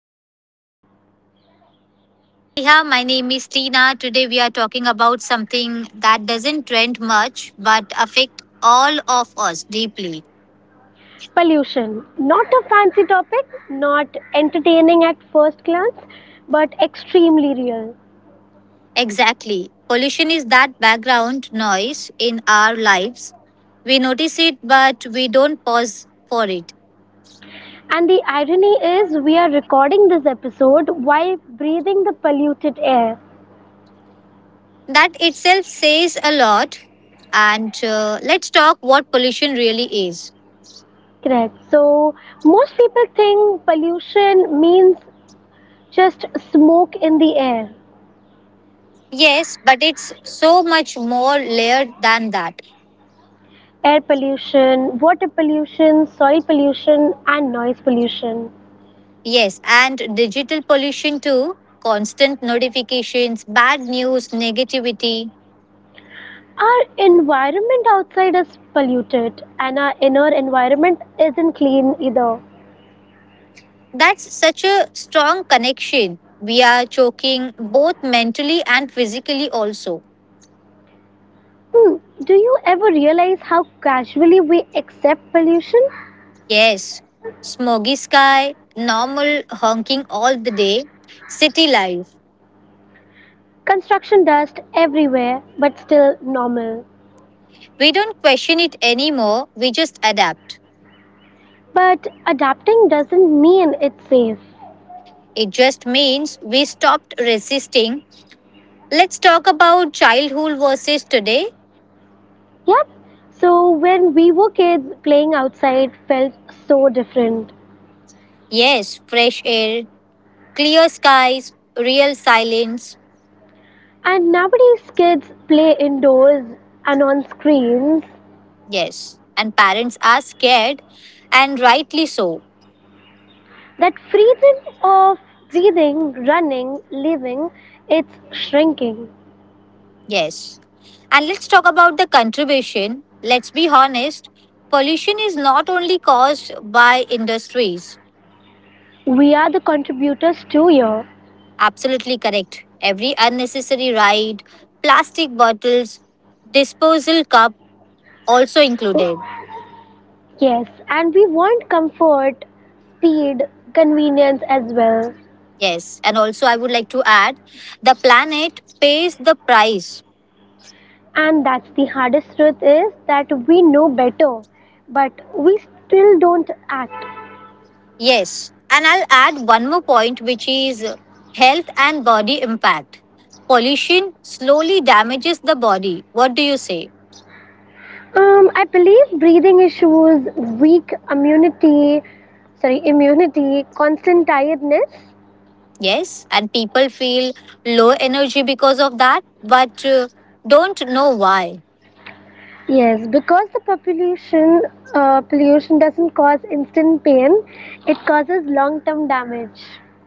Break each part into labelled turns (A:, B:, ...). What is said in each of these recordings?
A: I am Neha.
B: Hi Neha, my name is Tina. Today we are talking about something that doesn't trend much but affect all of us deeply.
A: Pollution. Not a fancy topic, not entertaining at first glance, but extremely real.
B: Exactly. Pollution is that background noise in our lives. We notice it but we don't pause for it.
A: And the irony is, we are recording this episode while breathing the polluted air.
B: That itself says a lot. And let's talk what pollution really is.
A: Correct. So, most people think pollution means just smoke in the air,
B: Yes, but it's so much more layered than that.
A: air pollution, water pollution, soil pollution, and noise pollution.
B: Yes, and digital pollution too. Constant notifications, bad news, negativity.
A: Our environment outside is polluted, and our inner environment isn't clean either.
B: That's such a strong connection. We are choking both mentally and physically also.
A: Hmm, do you ever realize how casually we accept pollution?
B: Yes, smoggy sky, normal honking all the day, city life.
A: Construction dust everywhere, but still normal.
B: We don't question it anymore, we just adapt.
A: But adapting doesn't mean it's safe.
B: It just means we stopped resisting. Let's talk about childhood versus today.
A: Yep. So when we were kids, playing outside felt so different.
B: Yes, fresh air, clear skies, real silence,
A: And nowadays, kids play indoors and on screens.
B: yes. And parents are scared, and rightly so,
A: That freedom of breathing, running, living, it's shrinking.
B: yes. And let's talk about the contribution. Let's be honest, pollution is not only caused by industries.
A: We are the contributors to your.
B: Absolutely correct. Every unnecessary ride, plastic bottles, disposal cup also included.
A: Yes, and we want comfort, speed, convenience as well.
B: Yes, and also I would like to add the planet pays the price.
A: And that's the hardest truth is that we know better, but we still don't act.
B: Yes, and I'll add one more point, which is health and body impact. Pollution slowly damages the body. What do you say?
A: I believe breathing issues, weak immunity, sorry, immunity, constant tiredness.
B: Yes, and people feel low energy because of that, but don't know why.
A: Yes, because the population pollution doesn't cause instant pain, it causes long-term damage.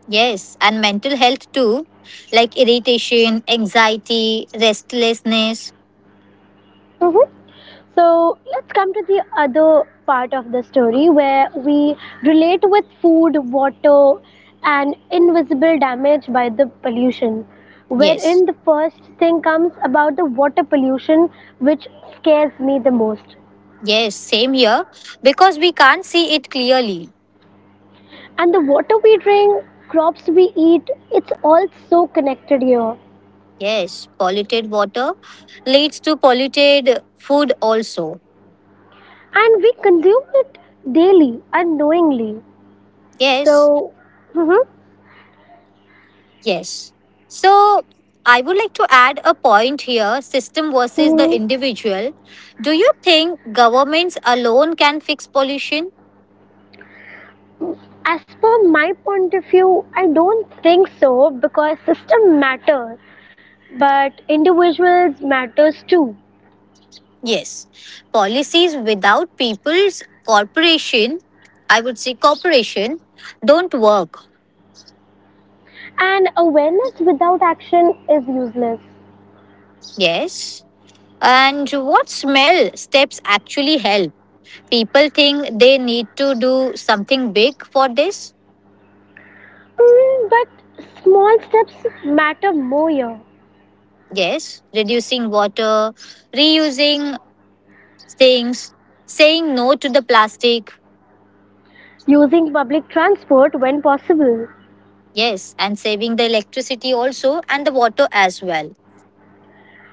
B: Yes, and mental health too, like irritation, anxiety, restlessness.
A: hmm So let's come to the other part of the story where we relate with food, water, and invisible damage by the pollution. Wherein
B: Yes,
A: the first thing comes about the water pollution, which scares me the most.
B: yes, same here, because we can't see it clearly.
A: And the water we drink, crops we eat, it's all so connected here.
B: Yes, polluted water leads to polluted food also.
A: And we consume it daily unknowingly.
B: Yes,
A: So, mhm,
B: yes. So I would like to add a point here, system versus the
A: mhm.
B: individual. Do you think governments alone can fix pollution?
A: As per my point of view, I don't think so because system matters, but individuals matters too.
B: Yes. Policies without people's corporation, I would say corporation, don't work.
A: And awareness without action is useless.
B: Yes. And what smell steps actually help? People think they need to do something big for this.
A: But small steps matter more here.
B: Yes, reducing water, reusing things, saying no to the plastic.
A: Using public transport when possible,
B: Yes, and saving the electricity also and the water as well.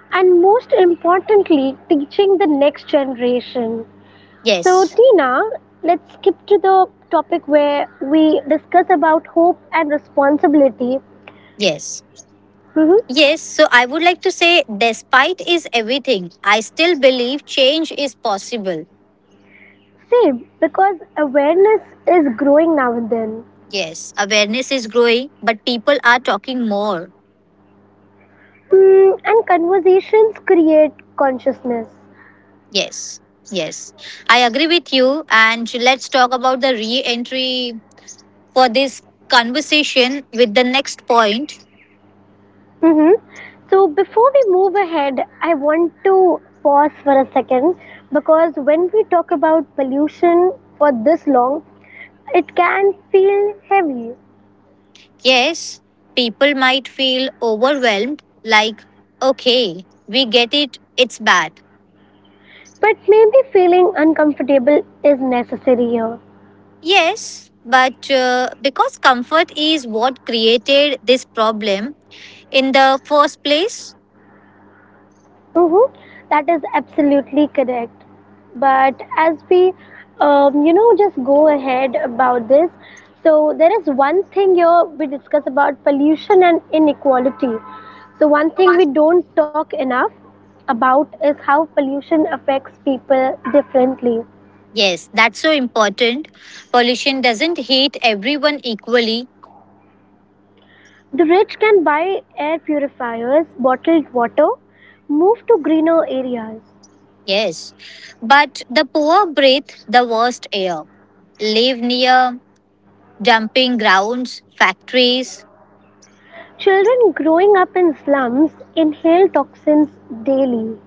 A: and most importantly, teaching the next generation. So,
B: Yes,
A: Tina, let's skip to the topic where we discuss about hope and responsibility.
B: yes.
A: hmm
B: Yes, so I would like to say, despite is everything, I still believe change is possible.
A: Same, because awareness is growing now and then,
B: Yes, awareness is growing, but people are talking more.
A: and conversations create consciousness.
B: Yes, yes. I agree with you. And let's talk about the re entry for this conversation with the next point.
A: hmm So, before we move ahead, I want to pause for a second because when we talk about pollution for this long, it can feel heavy.
B: Yes, people might feel overwhelmed, like, okay, we get it, it's bad.
A: But maybe feeling uncomfortable is necessary here.
B: Yes, but because comfort is what created this problem in the first place,
A: Mm-hmm. That is absolutely correct. But as we, you know, just go ahead about this, so there is one thing here we discuss about pollution and inequality. So, one thing we don't talk enough about is how pollution affects people differently.
B: yes, that's so important. Pollution doesn't hit everyone equally.
A: The rich can buy air purifiers, bottled water, move to greener areas.
B: Yes, but the poor breathe the worst air, live near dumping grounds, factories,
A: Children growing up in slums inhale toxins daily.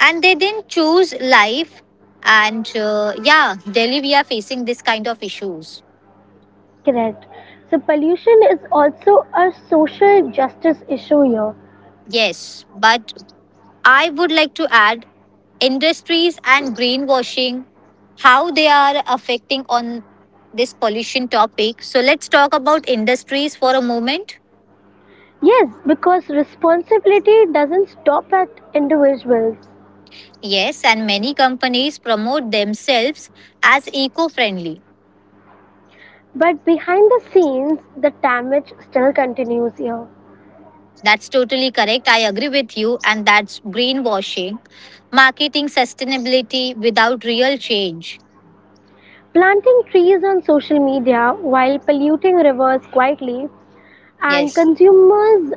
B: and they didn't choose life. And yeah, Delhi, we are facing this kind of issues.
A: Correct. So pollution is also a social justice issue here.
B: Yes, but I would like to add industries and greenwashing, how they are affecting on this pollution topic. So let's talk about industries for a moment.
A: Yes, because responsibility doesn't stop at individuals.
B: Yes, and many companies promote themselves as eco friendly.
A: But behind the scenes, the damage still continues here.
B: That's totally correct. I agree with you, and that's greenwashing, marketing sustainability without real change.
A: Planting trees on social media while polluting rivers quietly, and
B: Yes,
A: consumers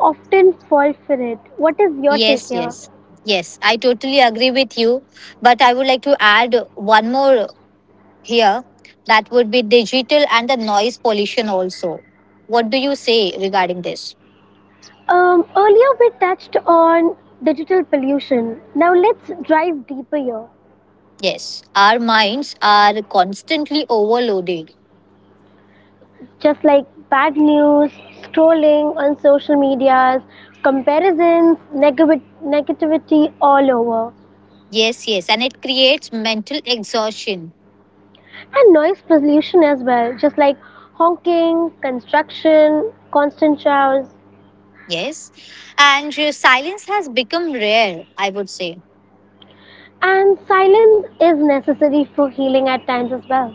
A: often fall for it. What is your take
B: yes,
A: here?
B: yes, yes. I totally agree with you. But I would like to add one more here that would be digital and the noise pollution also. What do you say regarding this?
A: Earlier, we touched on digital pollution. Now, let's dive deeper here.
B: Yes, our minds are constantly overloaded.
A: Just like bad news, trolling on social medias, comparisons, negative, negativity all over,
B: Yes, yes, and it creates mental exhaustion.
A: and noise pollution as well, just like honking, construction, constant showers,
B: Yes, and silence has become rare, I would say.
A: and silence is necessary for healing at times as well.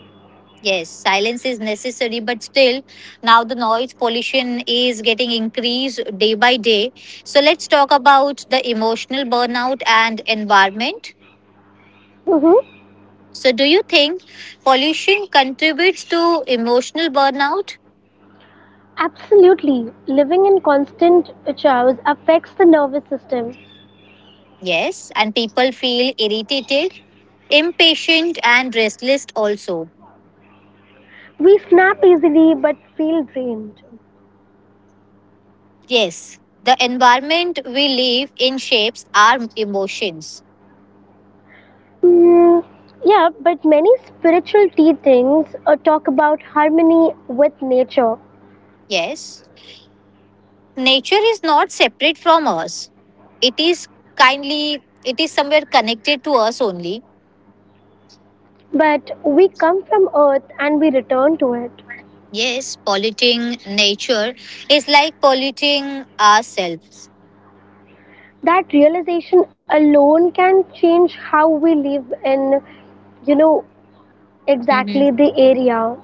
B: Yes, silence is necessary, but still, now the noise pollution is getting increased day by day. So, let's talk about the emotional burnout and environment.
A: Mm-hmm.
B: So, do you think pollution contributes to emotional burnout?
A: Absolutely, living in constant showers affects the nervous system.
B: Yes, and people feel irritated, impatient, and restless also.
A: We snap easily but feel drained.
B: Yes, the environment we live in shapes our emotions.
A: Mm, yeah, but many spiritual teachings talk about harmony with nature.
B: Yes. Nature is not separate from us. It is kindly, it is somewhere connected to us only.
A: But we come from earth and we return to it.
B: Yes, polluting nature is like polluting ourselves.
A: That realization alone can change how we live in, you know,
B: Hmm
A: exactly the area.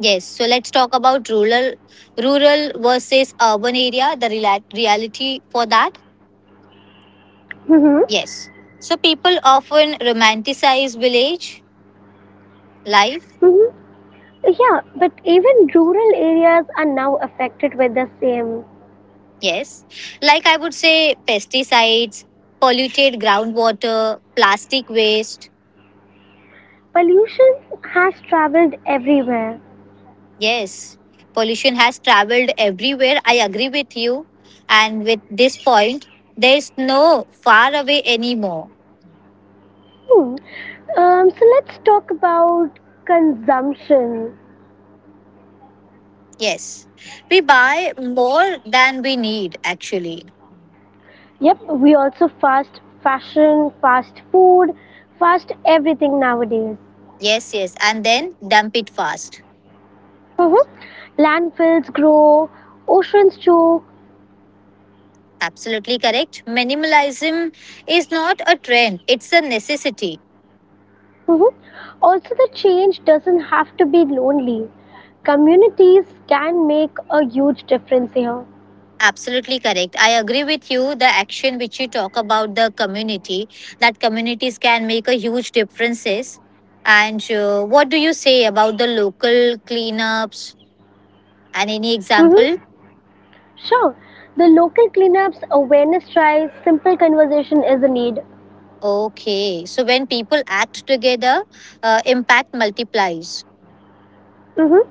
B: Yes, so let's talk about rural versus urban area. The reality for that.
A: Mm-hmm.
B: Yes, so people often romanticize village life.
A: Mm-hmm. Yeah, but even rural areas are now affected with the same.
B: Yes, like I would say pesticides, polluted groundwater, plastic waste.
A: Pollution has traveled everywhere.
B: Yes, pollution has traveled everywhere. I agree with you. And with this point, there's no far away anymore.
A: Hmm. So let's talk about consumption.
B: Yes, we buy more than we need actually.
A: Yep, we also fast fashion, fast food, fast everything nowadays.
B: Yes, yes, and then dump it fast.
A: Mm-hmm. Landfills grow, oceans too.
B: Absolutely correct. Minimalism is not a trend, it's a necessity.
A: Mm-hmm. Also, the change doesn't have to be lonely. Communities can make a huge difference here.
B: Absolutely correct. I agree with you. The action which you talk about the community, that communities can make a huge differences. And what do you say about the local cleanups and any
A: Mm-hmm.
B: example?
A: Sure. The local cleanups, awareness drives, simple conversation is a need.
B: Okay, so when people act together, impact multiplies.
A: Mm-hmm.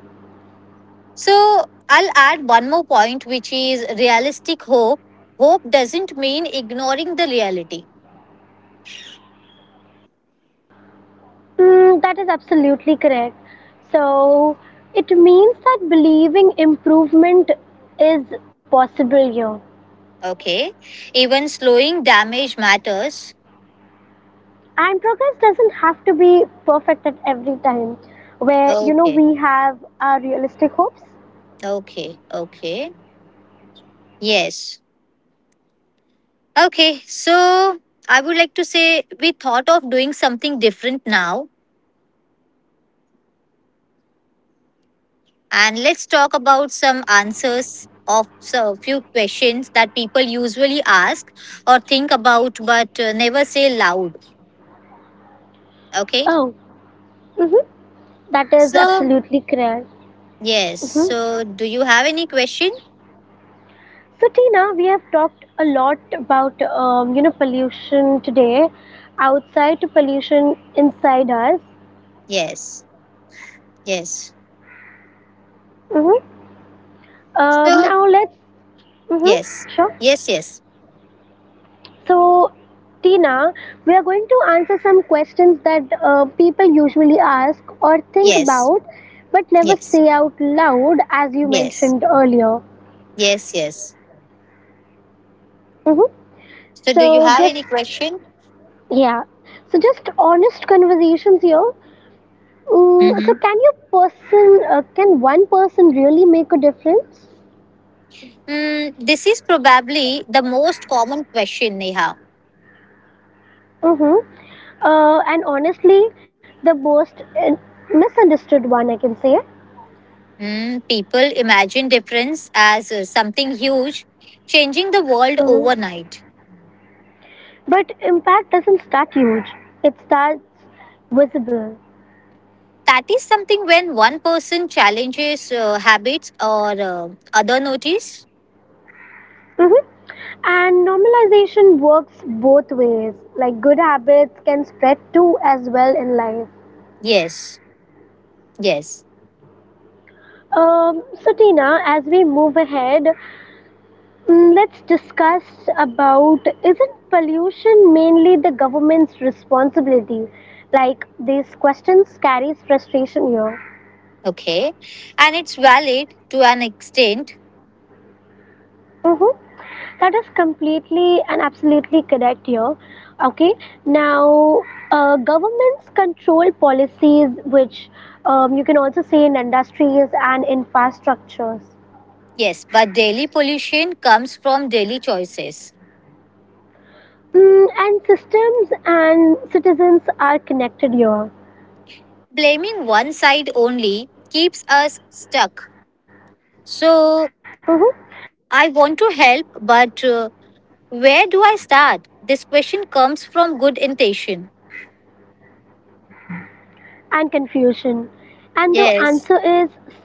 B: So I'll add one more point, which is realistic hope. Hope doesn't mean ignoring the reality.
A: That is absolutely correct. So it means that believing improvement is possible here.
B: Okay, even slowing damage matters.
A: And progress doesn't have to be perfect at every time, where you know
B: Okay.
A: we have our realistic hopes.
B: Okay, okay. Yes. Okay, so I would like to say we thought of doing something different now, and let's talk about some answers of a few questions that people usually ask or think about but never say loud. Okay,
A: Oh, mm-hmm. That is
B: so
A: absolutely correct.
B: yes,
A: Mm-hmm.
B: so do you have any question?
A: So Tina, we have talked a lot about you know pollution today, outside to pollution inside us.
B: Yes, yes.
A: Mm-hmm.
B: So,
A: Now let's.
B: yes,
A: Mm-hmm. Sure.
B: yes, yes,
A: So, Tina, we are going to answer some questions that people usually ask or think
B: yes,
A: about but never
B: yes,
A: say out loud, as you
B: yes,
A: mentioned earlier.
B: yes, yes.
A: hmm
B: So, do you
A: So,
B: have
A: just
B: any question?
A: yeah, so just honest conversations here. So,
B: Mhm.
A: can one person really make a difference?
B: Mm, this is probably the most common question, Neha.
A: Mm-hmm. And honestly, the most uh, misunderstood one, I can say.
B: Mm, people imagine difference as something huge, changing the world
A: Mm-hmm.
B: overnight.
A: But impact doesn't start huge, it starts visible.
B: That is something when one person challenges habits or other notice.
A: Mhm. And normalization works both ways. Like good habits can spread too as well in life.
B: Yes, yes,
A: So Tina, as we move ahead, let's discuss about isn't pollution mainly the government's responsibility? Like these questions carries frustration here.
B: okay. And it's valid to an extent,
A: Mm-hmm. That is completely and absolutely correct here. Okay, now governments control policies, which you can also see in industries and infrastructures.
B: yes, but daily pollution comes from daily choices.
A: And systems and citizens are connected here.
B: Blaming one side only keeps us stuck.
A: hmm
B: So, I want to help, but where do I start? This question comes from good intention.
A: And confusion. And the answer is start
B: Yes,
A: small.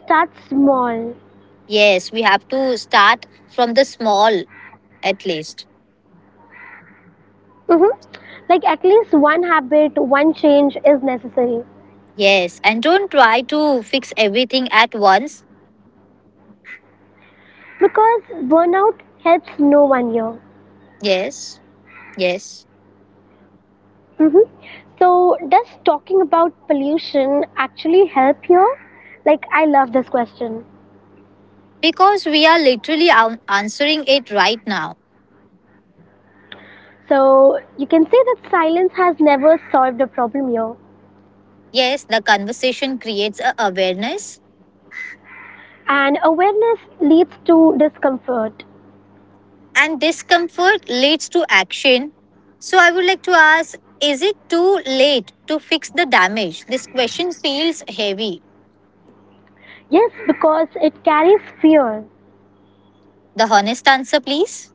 B: yes, we have to start from the small at least.
A: hmm Like at least one habit, one change is necessary.
B: Yes, and don't try to fix everything at once.
A: Because burnout helps no one here.
B: Yes, yes,
A: hmm So, does talking about pollution actually help here? Like, I love this question.
B: because we are literally answering it right now.
A: So, you can say that silence has never solved a problem here.
B: Yes, the conversation creates a awareness
A: And awareness leads to discomfort.
B: and discomfort leads to action. So I would like to ask, is it too late to fix the damage? This question feels heavy.
A: Yes, because it carries fear.
B: The honest answer, please.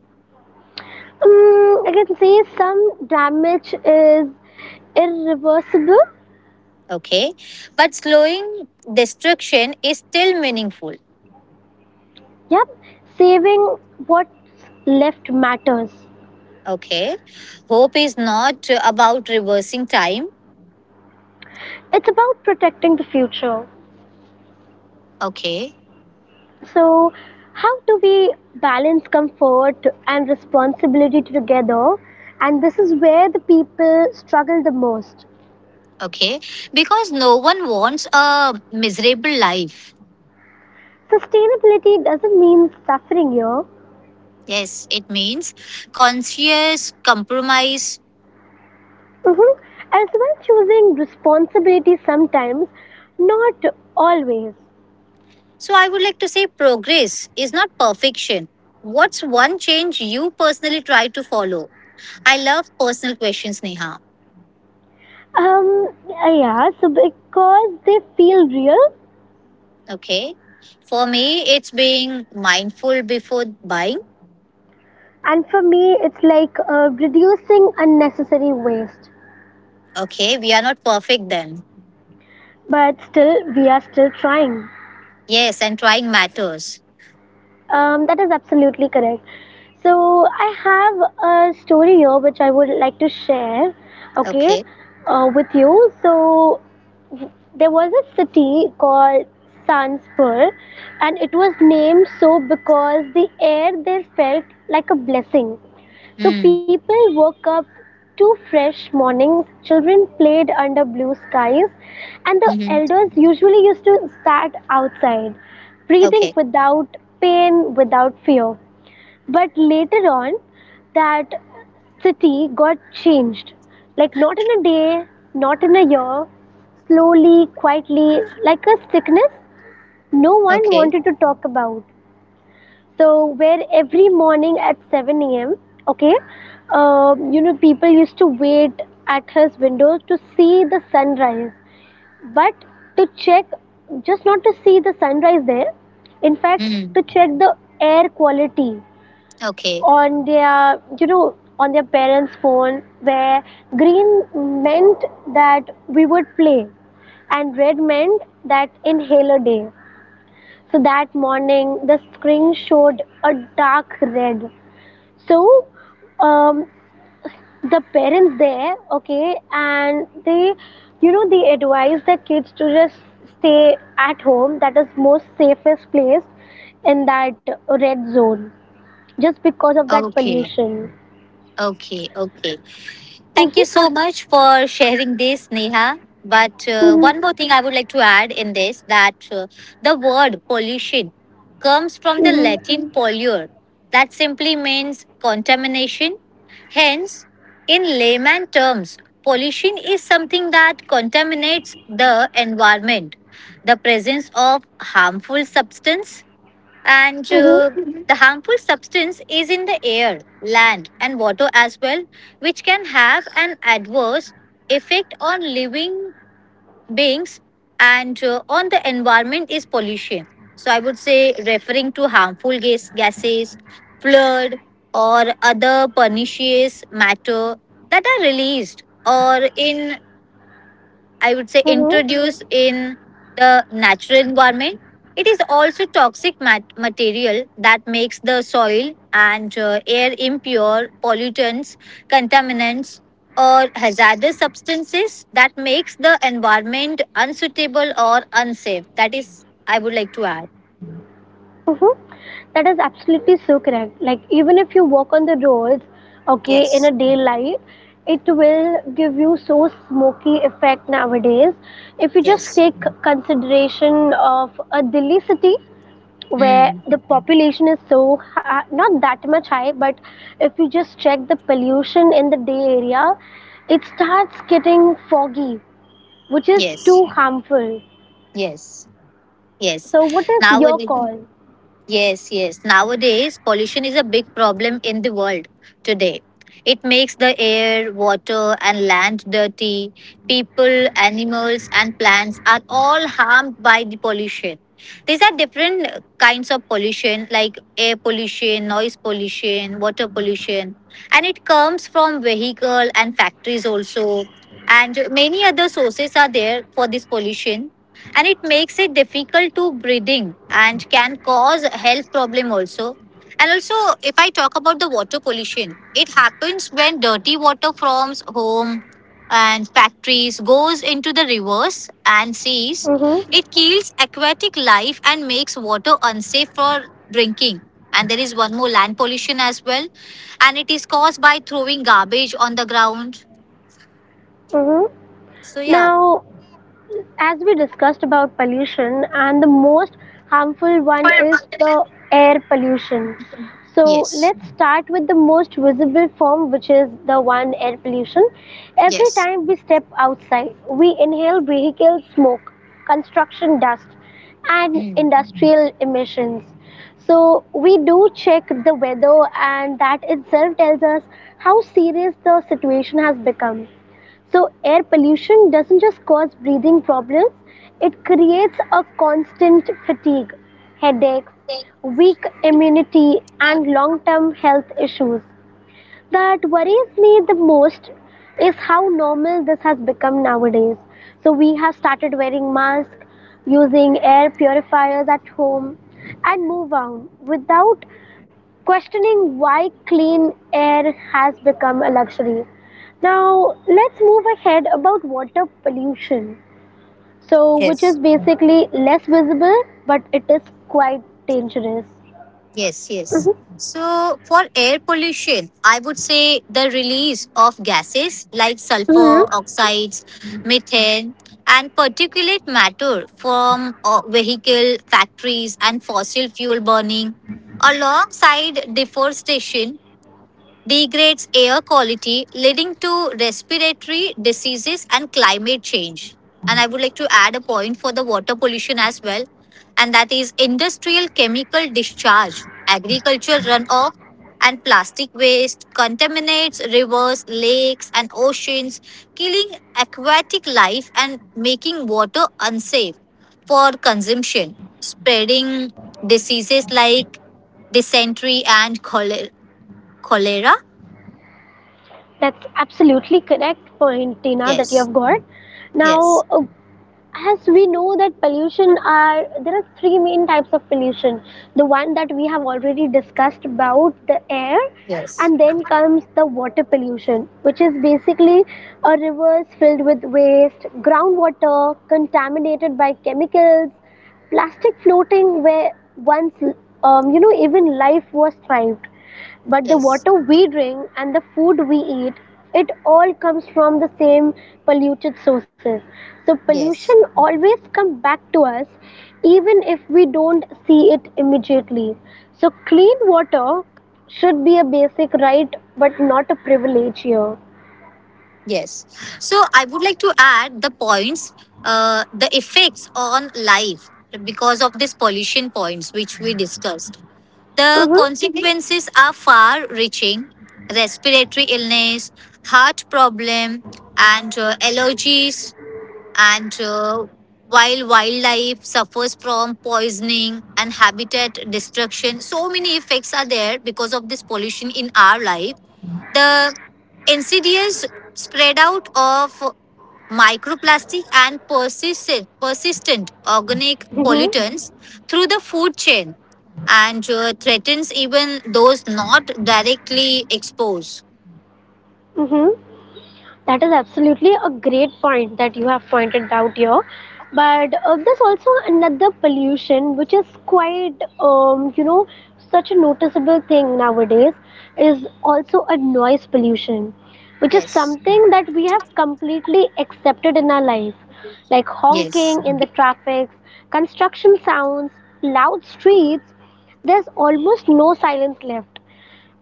A: I can say some damage is irreversible.
B: Okay. But slowing destruction is still meaningful.
A: Yep, saving what's left matters.
B: Okay. Hope is not about reversing time.
A: It's about protecting the future.
B: Okay.
A: So, how do we balance comfort and responsibility together? And this is where the people struggle the most.
B: Okay. Because no one wants a miserable life.
A: Sustainability doesn't mean suffering here.
B: Yes, it means conscious compromise.
A: hmm As well, choosing responsibility sometimes, not always.
B: So I would like to say progress is not perfection. What's one change you personally try to follow? I love personal questions, Neha.
A: Yeah, so because they feel real,
B: Okay. For me, it's being mindful before buying.
A: and for me, it's like reducing unnecessary waste.
B: Okay. We are not perfect then.
A: But still, we are still trying.
B: Yes. And trying matters.
A: That is absolutely correct. So I have a story here which I would like to share, okay,
B: Okay.
A: with you. So there was a city called Sanspur, and it was named so because the air there felt like a blessing. So
B: Mm.
A: people woke up to fresh mornings, children played under blue skies, and the
B: Mm-hmm.
A: elders usually used to sat outside, breathing
B: Okay.
A: without pain, without fear. But later on, that city got changed. Like, not in a day, not in a year, slowly, quietly, like a sickness no one
B: Okay.
A: wanted to talk about. So where every morning at 7 a.m. Okay, you know people used to wait at his windows to see the sunrise, but to check just not to see the sunrise there. In fact,
B: Mm.
A: to check the air quality
B: Okay.
A: on their you know on their parents' phone, where green meant that we would play, and red meant that inhaler day. So that morning, the screen showed a dark red. So um, the parents there, okay, and they, you know, they advise the kids to just stay at home. That is most safest place in that red zone, just because of that
B: Okay.
A: pollution.
B: Okay. Okay. Thank
A: Mhm.
B: you so much for sharing this, Neha. But
A: Mhm.
B: one more thing I would like to add in this that the word pollution comes from the
A: Mhm.
B: Latin polluer, that simply means contamination. Hence, in layman terms, pollution is something that contaminates the environment. The presence of harmful substance and
A: Mhm.
B: the harmful substance is in the air, land, and water as well, which can have an adverse effect on living beings and on the environment is pollution. So, I would say referring to harmful gases, flood, or other pernicious matter that are released or in, I would say,
A: Mhm.
B: introduced in the natural environment. It is also toxic material that makes the soil and air impure, pollutants, contaminants, or hazardous substances that makes the environment unsuitable or unsafe. That is, I would like to add.
A: Mhm. That is absolutely so correct. Like even if you walk on the roads, okay, in a
B: Yes.
A: daylight, it will give you so smoky effect nowadays. If you just
B: Yes.
A: take consideration of a Delhi city where
B: Mm.
A: the population is so hi- not that much high, but if you just check the pollution in the day area, it starts getting foggy, which is
B: Yes,
A: too harmful.
B: yes, yes.
A: So, what is your
B: Nowadays.
A: call?
B: Yes, yes. Nowadays, pollution is a big problem in the world today. It makes the air, water, and land dirty. People, animals, and plants are all harmed by the pollution. These are different kinds of pollution, like air pollution, noise pollution, water pollution, and it comes from vehicle and factories also. And many other sources are there for this pollution and it makes it difficult to breathing and can cause health problem also. And also, if I talk about the water pollution, it happens when dirty water from home and factories goes into the rivers and seas.
A: Mm-hmm.
B: It kills aquatic life and makes water unsafe for drinking. And there is one more, land pollution as well, and it is caused by throwing garbage on the ground.
A: Mm-hmm.
B: So yeah,
A: Now, as we discussed about pollution and the most harmful one is the air pollution, so
B: yes,
A: let's start with the most visible form, which is the one air pollution. Every
B: yes.
A: time we step outside we inhale vehicle smoke, construction dust, and
B: Mm.
A: industrial emissions. So we do check the weather and that itself tells us how serious the situation has become. So, air pollution doesn't just cause breathing problems, it creates a constant fatigue, headaches, weak immunity, and long term health issues. That worries me the most is how normal this has become nowadays. So, we have started wearing masks, using air purifiers at home, and move on without questioning why clean air has become a luxury. Now, let's move ahead about water pollution. So, which
B: Yes.
A: is basically less visible, but it is quite dangerous.
B: Yes, yes.
A: Mhm.
B: So, for air pollution, I would say the release of gases like sulfur
A: Mhm.
B: oxides, methane, and particulate matter from vehicle factories and fossil fuel burning, alongside deforestation, degrades air quality, leading to respiratory diseases and climate change. And I would like to add a point for the water pollution as well, and that is industrial chemical discharge, agricultural runoff, and plastic waste contaminates rivers, lakes, and oceans, killing aquatic life and making water unsafe for consumption, spreading diseases like dysentery and cholera.
A: That's absolutely correct point, Tina, that you have
B: Yes,
A: got. Now,
B: yes,
A: uh, as we know that pollution are there are three main types of pollution, the one that we have already discussed about the air,
B: yes,
A: and then comes the water pollution, which is basically a rivers filled with waste, groundwater contaminated by chemicals, plastic floating where once you know even life was thrived, but the
B: yes,
A: water we drink and the food we eat, it all comes from the same polluted sources. So pollution
B: yes,
A: always comes back to us even if we don't see it immediately. So clean water should be a basic right but not a privilege here.
B: yes. So I would like to add the points, the effects on life because of this pollution points which we discussed. The
A: mhm
B: consequences are far reaching: respiratory illness, heart problem, and allergies. And while wildlife suffers from poisoning and habitat destruction, so many effects are there because of this pollution in our life. The insidious spread out of microplastic and persistent organic
A: mhm
B: pollutants through the food chain and threatens even those not directly exposed.
A: mhm that is absolutely a great point that you have pointed out here, but there's also another pollution which is quite you know such a noticeable thing nowadays, is also a noise pollution, which is
B: Yes,
A: something that we have completely accepted in our life, like
B: yes,
A: honking in the traffic, construction sounds, loud streets. There's almost no silence left,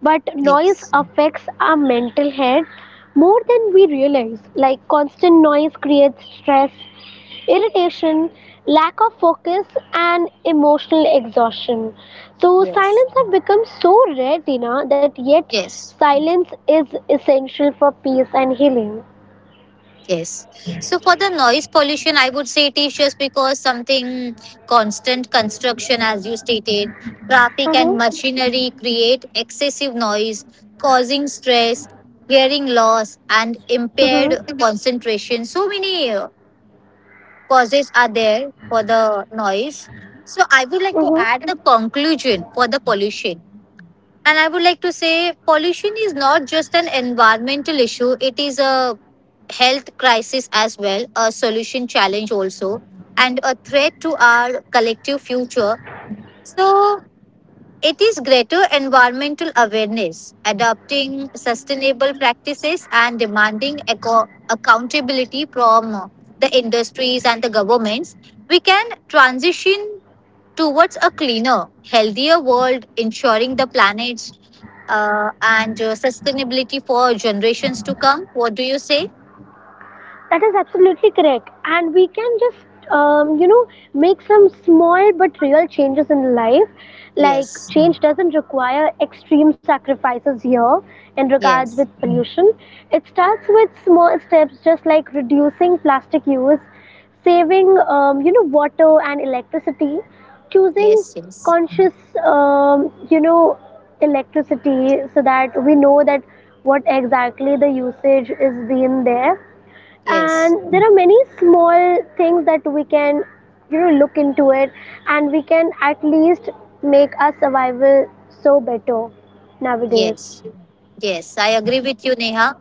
A: but noise
B: yes,
A: affects our mental health more than we realize, like constant noise creates stress, irritation, lack of focus, and emotional exhaustion. So
B: yes,
A: silence have become so rare, dina, that yet
B: yes.
A: silence is essential for peace and healing.
B: Yes. So for the noise pollution, I would say it is just because something constant construction, as you stated, traffic
A: Uh-huh,
B: and machinery create excessive noise, causing stress, hearing loss, and
A: uh-huh,
B: impaired concentration. So many causes are there for the noise. So I would like to
A: uh-huh.
B: add the conclusion for the pollution and I would like to say pollution is not just an environmental issue, it is a health crisis as well, a solution challenge also, and a threat to our collective future. So, it is greater environmental awareness, adopting sustainable practices, and demanding eco- accountability from the industries and the governments. We can transition towards a cleaner, healthier world, ensuring the planet's and sustainability for generations to come. What do you say?
A: That is absolutely correct. And we can just, you know, make some small but real changes in life. Like,
B: Yes,
A: change doesn't require extreme sacrifices here in regards with
B: yes,
A: pollution. It starts with small steps, just like reducing plastic use, saving, you know, water and electricity, choosing
B: yes, yes,
A: conscious, you know, electricity so that we know that what exactly the usage is being there,
B: yes.
A: and there are many small things that we can you know look into it, and we can at least make our survival so better nowadays.
B: Yes, yes, I agree with you, Neha.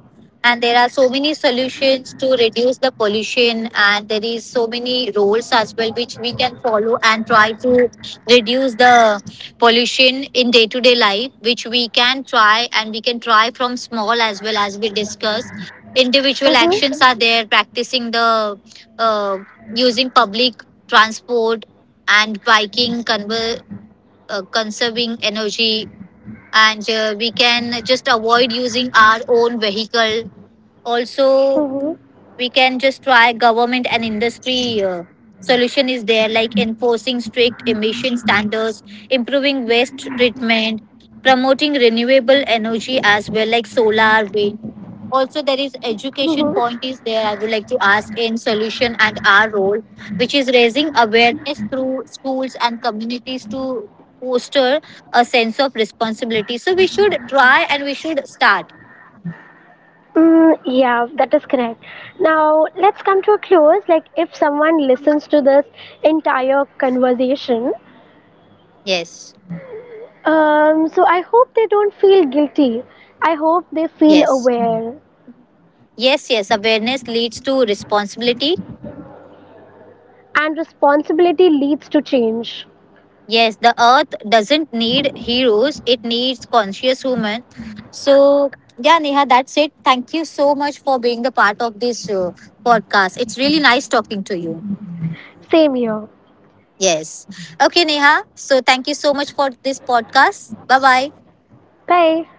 B: And there are so many solutions to reduce the pollution, and there is so many roles as well which we can follow and try to reduce the pollution in day to day life, which we can try and we can try from small as well as we discussed. Individual actions
A: Mm-hmm.
B: are there, practicing the uh, using public transport and biking, conserving energy and we can just avoid using our own vehicle also.
A: Mm-hmm.
B: We can just try government and industry solution is there, like enforcing strict emission standards, improving waste treatment, promoting renewable energy as well like solar wind. Also, there is education
A: Mm-hmm.
B: point is there, I would like to ask, in solution and our role, which is raising awareness through schools and communities to foster a sense of responsibility, so we should try and we should start,
A: Yeah, that is correct. Now let's come to a close. Like if someone listens to this entire conversation,
B: yes,
A: so I hope they don't feel guilty, I hope they
B: yes,
A: feel aware,
B: yes, yes, awareness leads to responsibility.
A: and responsibility leads to change.
B: Yes, the earth doesn't need heroes, it needs conscious human. So, yeah, Neha, that's it. Thank you so much for being the part of this podcast. It's really nice talking to you.
A: Same here.
B: Yes. Okay, Neha. So, thank you so much for this podcast. Bye bye.
A: Bye.